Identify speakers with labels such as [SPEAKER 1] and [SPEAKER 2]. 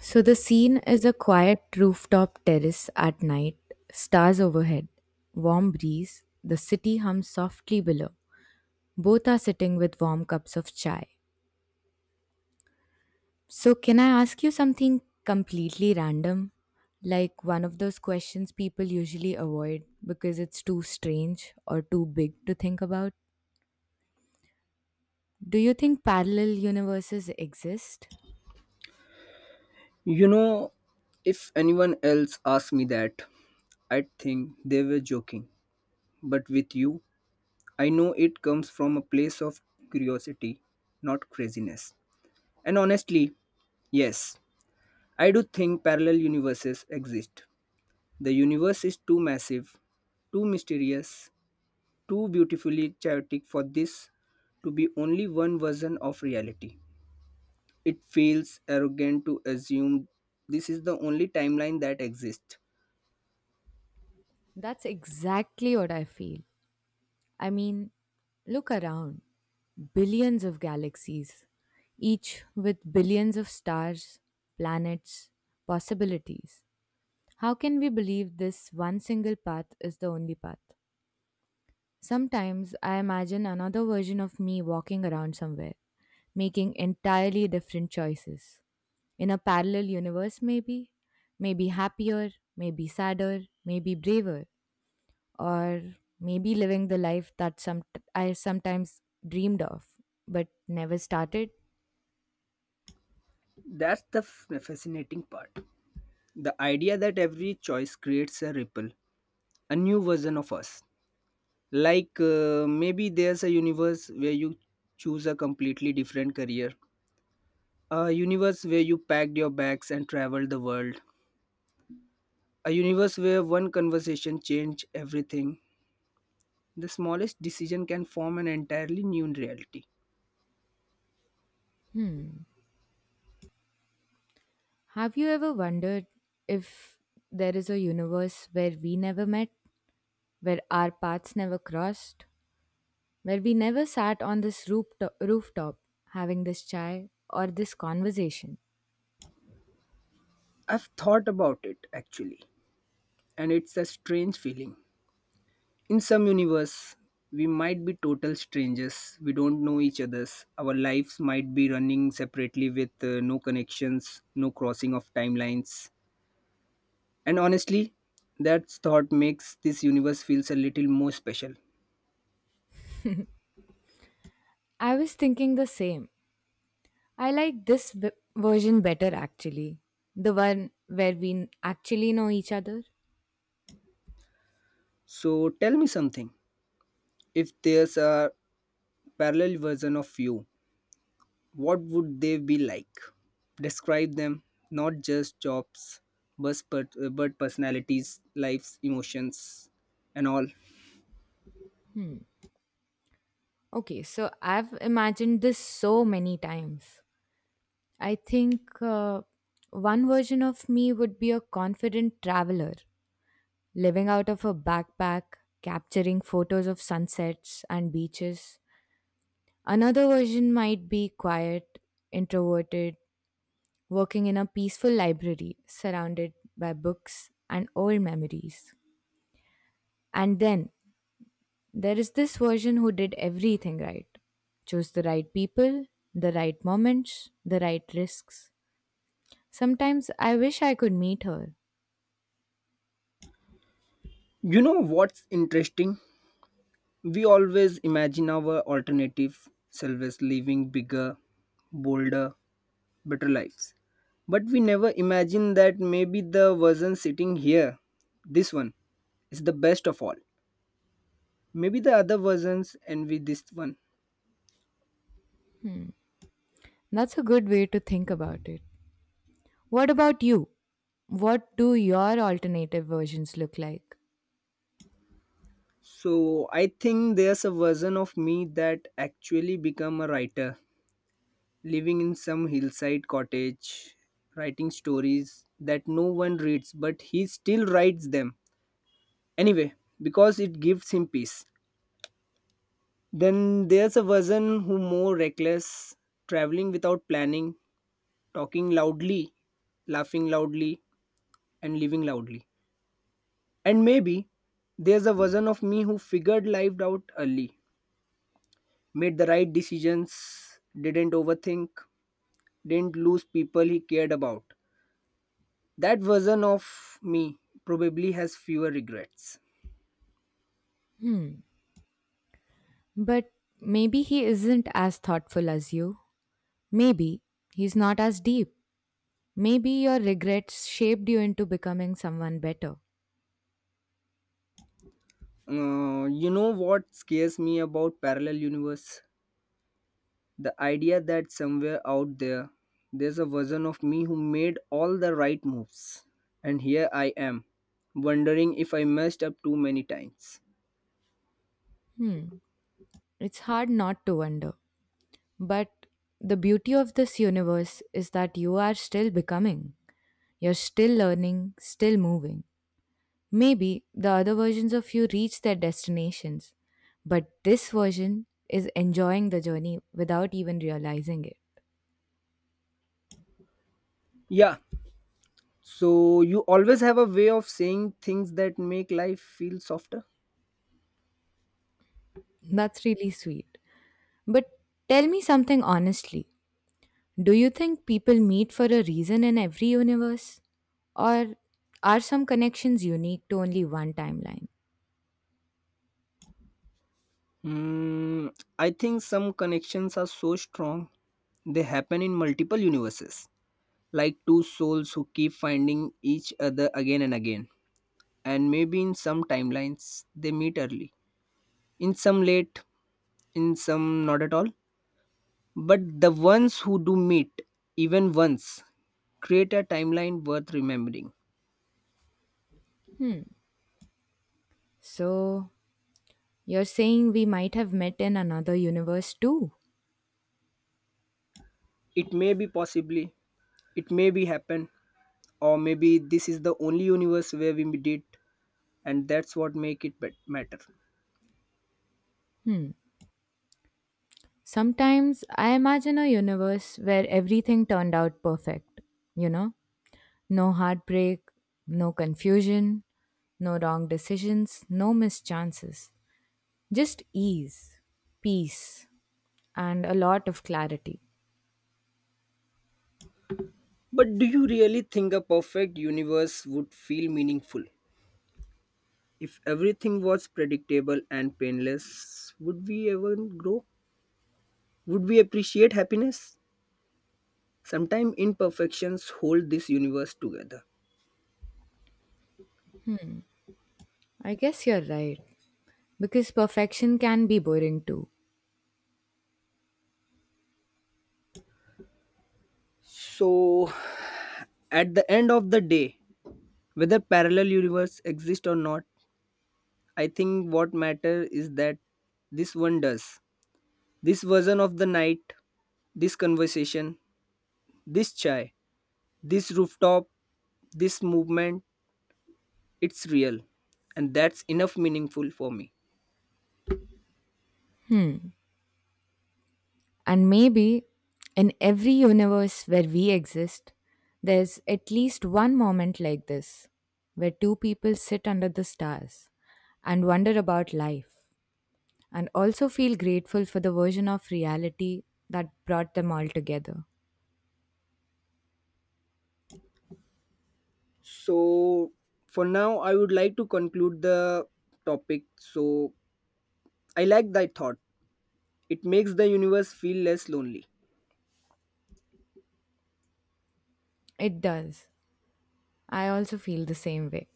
[SPEAKER 1] So the scene is a quiet rooftop terrace at night, stars overhead, warm breeze, the city hums softly below. Both are sitting with warm cups of chai. So, can I ask you something completely random? Like one of those questions people usually avoid because it's too strange or too big to think about. Do you think parallel universes exist?
[SPEAKER 2] You know, if anyone else asked me that, I'd think they were joking. But with you, I know it comes from a place of curiosity, not craziness. And honestly, yes, I do think parallel universes exist. The universe is too massive, too mysterious, too beautifully chaotic for this to be only one version of reality. It feels arrogant to assume this is the only timeline that exists.
[SPEAKER 1] That's exactly what I feel. I mean, look around. Billions of galaxies, each with billions of stars, planets, possibilities. How can we believe this one single path is the only path? Sometimes I imagine another version of me walking around somewhere, making entirely different choices. In a parallel universe, maybe? Maybe happier, maybe sadder, maybe braver or maybe living the life that some I sometimes dreamed of but never started.
[SPEAKER 2] That's the fascinating part. The idea that every choice creates a ripple, a new version of us. Like maybe there's a universe where you choose a completely different career, a universe where you packed your bags and traveled the world, a universe where one conversation changed everything. The smallest decision can form an entirely new reality.
[SPEAKER 1] Hmm. Have you ever wondered if there is a universe where we never met, where our paths never crossed, where we never sat on this rooftop having this chai or this conversation?
[SPEAKER 2] I've thought about it actually, and it's a strange feeling. In some universe, we might be total strangers. We don't know each other's. Our lives might be running separately with no connections, no crossing of timelines. And honestly, that thought makes this universe feels a little more special.
[SPEAKER 1] I was thinking the same. I like version better actually, the one where actually know each other.
[SPEAKER 2] So tell me something. If there's a parallel version of you, what would they be like? Describe them, not just jobs, but personalities, lives, emotions, and all.
[SPEAKER 1] Okay, so I've imagined this so many times. I think one version of me would be a confident traveler, living out of a backpack, capturing photos of sunsets and beaches. Another version might be quiet, introverted, working in a peaceful library surrounded by books and old memories. And then there is this version who did everything right. Chose the right people, the right moments, the right risks. Sometimes I wish I could meet her.
[SPEAKER 2] You know what's interesting? We always imagine our alternative selves living bigger, bolder, better lives. But we never imagine that maybe the version sitting here, this one, is the best of all. Maybe the other versions envy this one.
[SPEAKER 1] That's a good way to think about it. What about you? What do your alternative versions look like?
[SPEAKER 2] So I think there's a version of me that actually become a writer, living in some hillside cottage, writing stories that no one reads, but he still writes them. Anyway, because it gives him peace. Then there's a version who more reckless, traveling without planning, talking loudly, laughing loudly, and living loudly. And maybe there's a version of me who figured life out early, made the right decisions, didn't overthink, didn't lose people he cared about. That version of me probably has fewer regrets.
[SPEAKER 1] But maybe he isn't as thoughtful as you. Maybe he's not as deep. Maybe your regrets shaped you into becoming someone better.
[SPEAKER 2] You know what scares me about parallel universe? The idea that somewhere out there, there's a version of me who made all the right moves. And here I am, wondering if I messed up too many times.
[SPEAKER 1] It's hard not to wonder. But the beauty of this universe is that you are still becoming. You're still learning, still moving. Maybe the other versions of you reach their destinations, but this version is enjoying the journey without even realizing it.
[SPEAKER 2] Yeah, so you always have a way of saying things that make life feel softer.
[SPEAKER 1] That's really sweet. But tell me something honestly. Do you think people meet for a reason in every universe? Or are some connections unique to only one timeline?
[SPEAKER 2] Hmm, I think some connections are so strong, they happen in multiple universes, like two souls who keep finding each other again and again. And maybe in some timelines, they meet early, in some late, in some not at all, but the ones who do meet, even once, create a timeline worth remembering.
[SPEAKER 1] So, you're saying we might have met in another universe too.
[SPEAKER 2] It may be possibly, it may be happen, or maybe this is the only universe where we did, and that's what make it matter.
[SPEAKER 1] Sometimes I imagine a universe where everything turned out perfect. You know, no heartbreak, no confusion, no wrong decisions, no mischances. Just ease, peace, and a lot of clarity.
[SPEAKER 2] But do you really think a perfect universe would feel meaningful? If everything was predictable and painless, would we ever grow? Would we appreciate happiness? Sometimes imperfections hold this universe together.
[SPEAKER 1] I guess you're right, because perfection can be boring too.
[SPEAKER 2] So, at the end of the day, whether parallel universe exist or not, I think what matter is that this one does. This version of the night, this conversation, this chai, this rooftop, this movement, it's real. And that's enough meaningful for me.
[SPEAKER 1] And maybe in every universe where we exist, there's at least one moment like this where two people sit under the stars and wonder about life and also feel grateful for the version of reality that brought them all together.
[SPEAKER 2] So, for now, I would like to conclude the topic. So, I like thy thought. It makes the universe feel less lonely.
[SPEAKER 1] It does. I also feel the same way.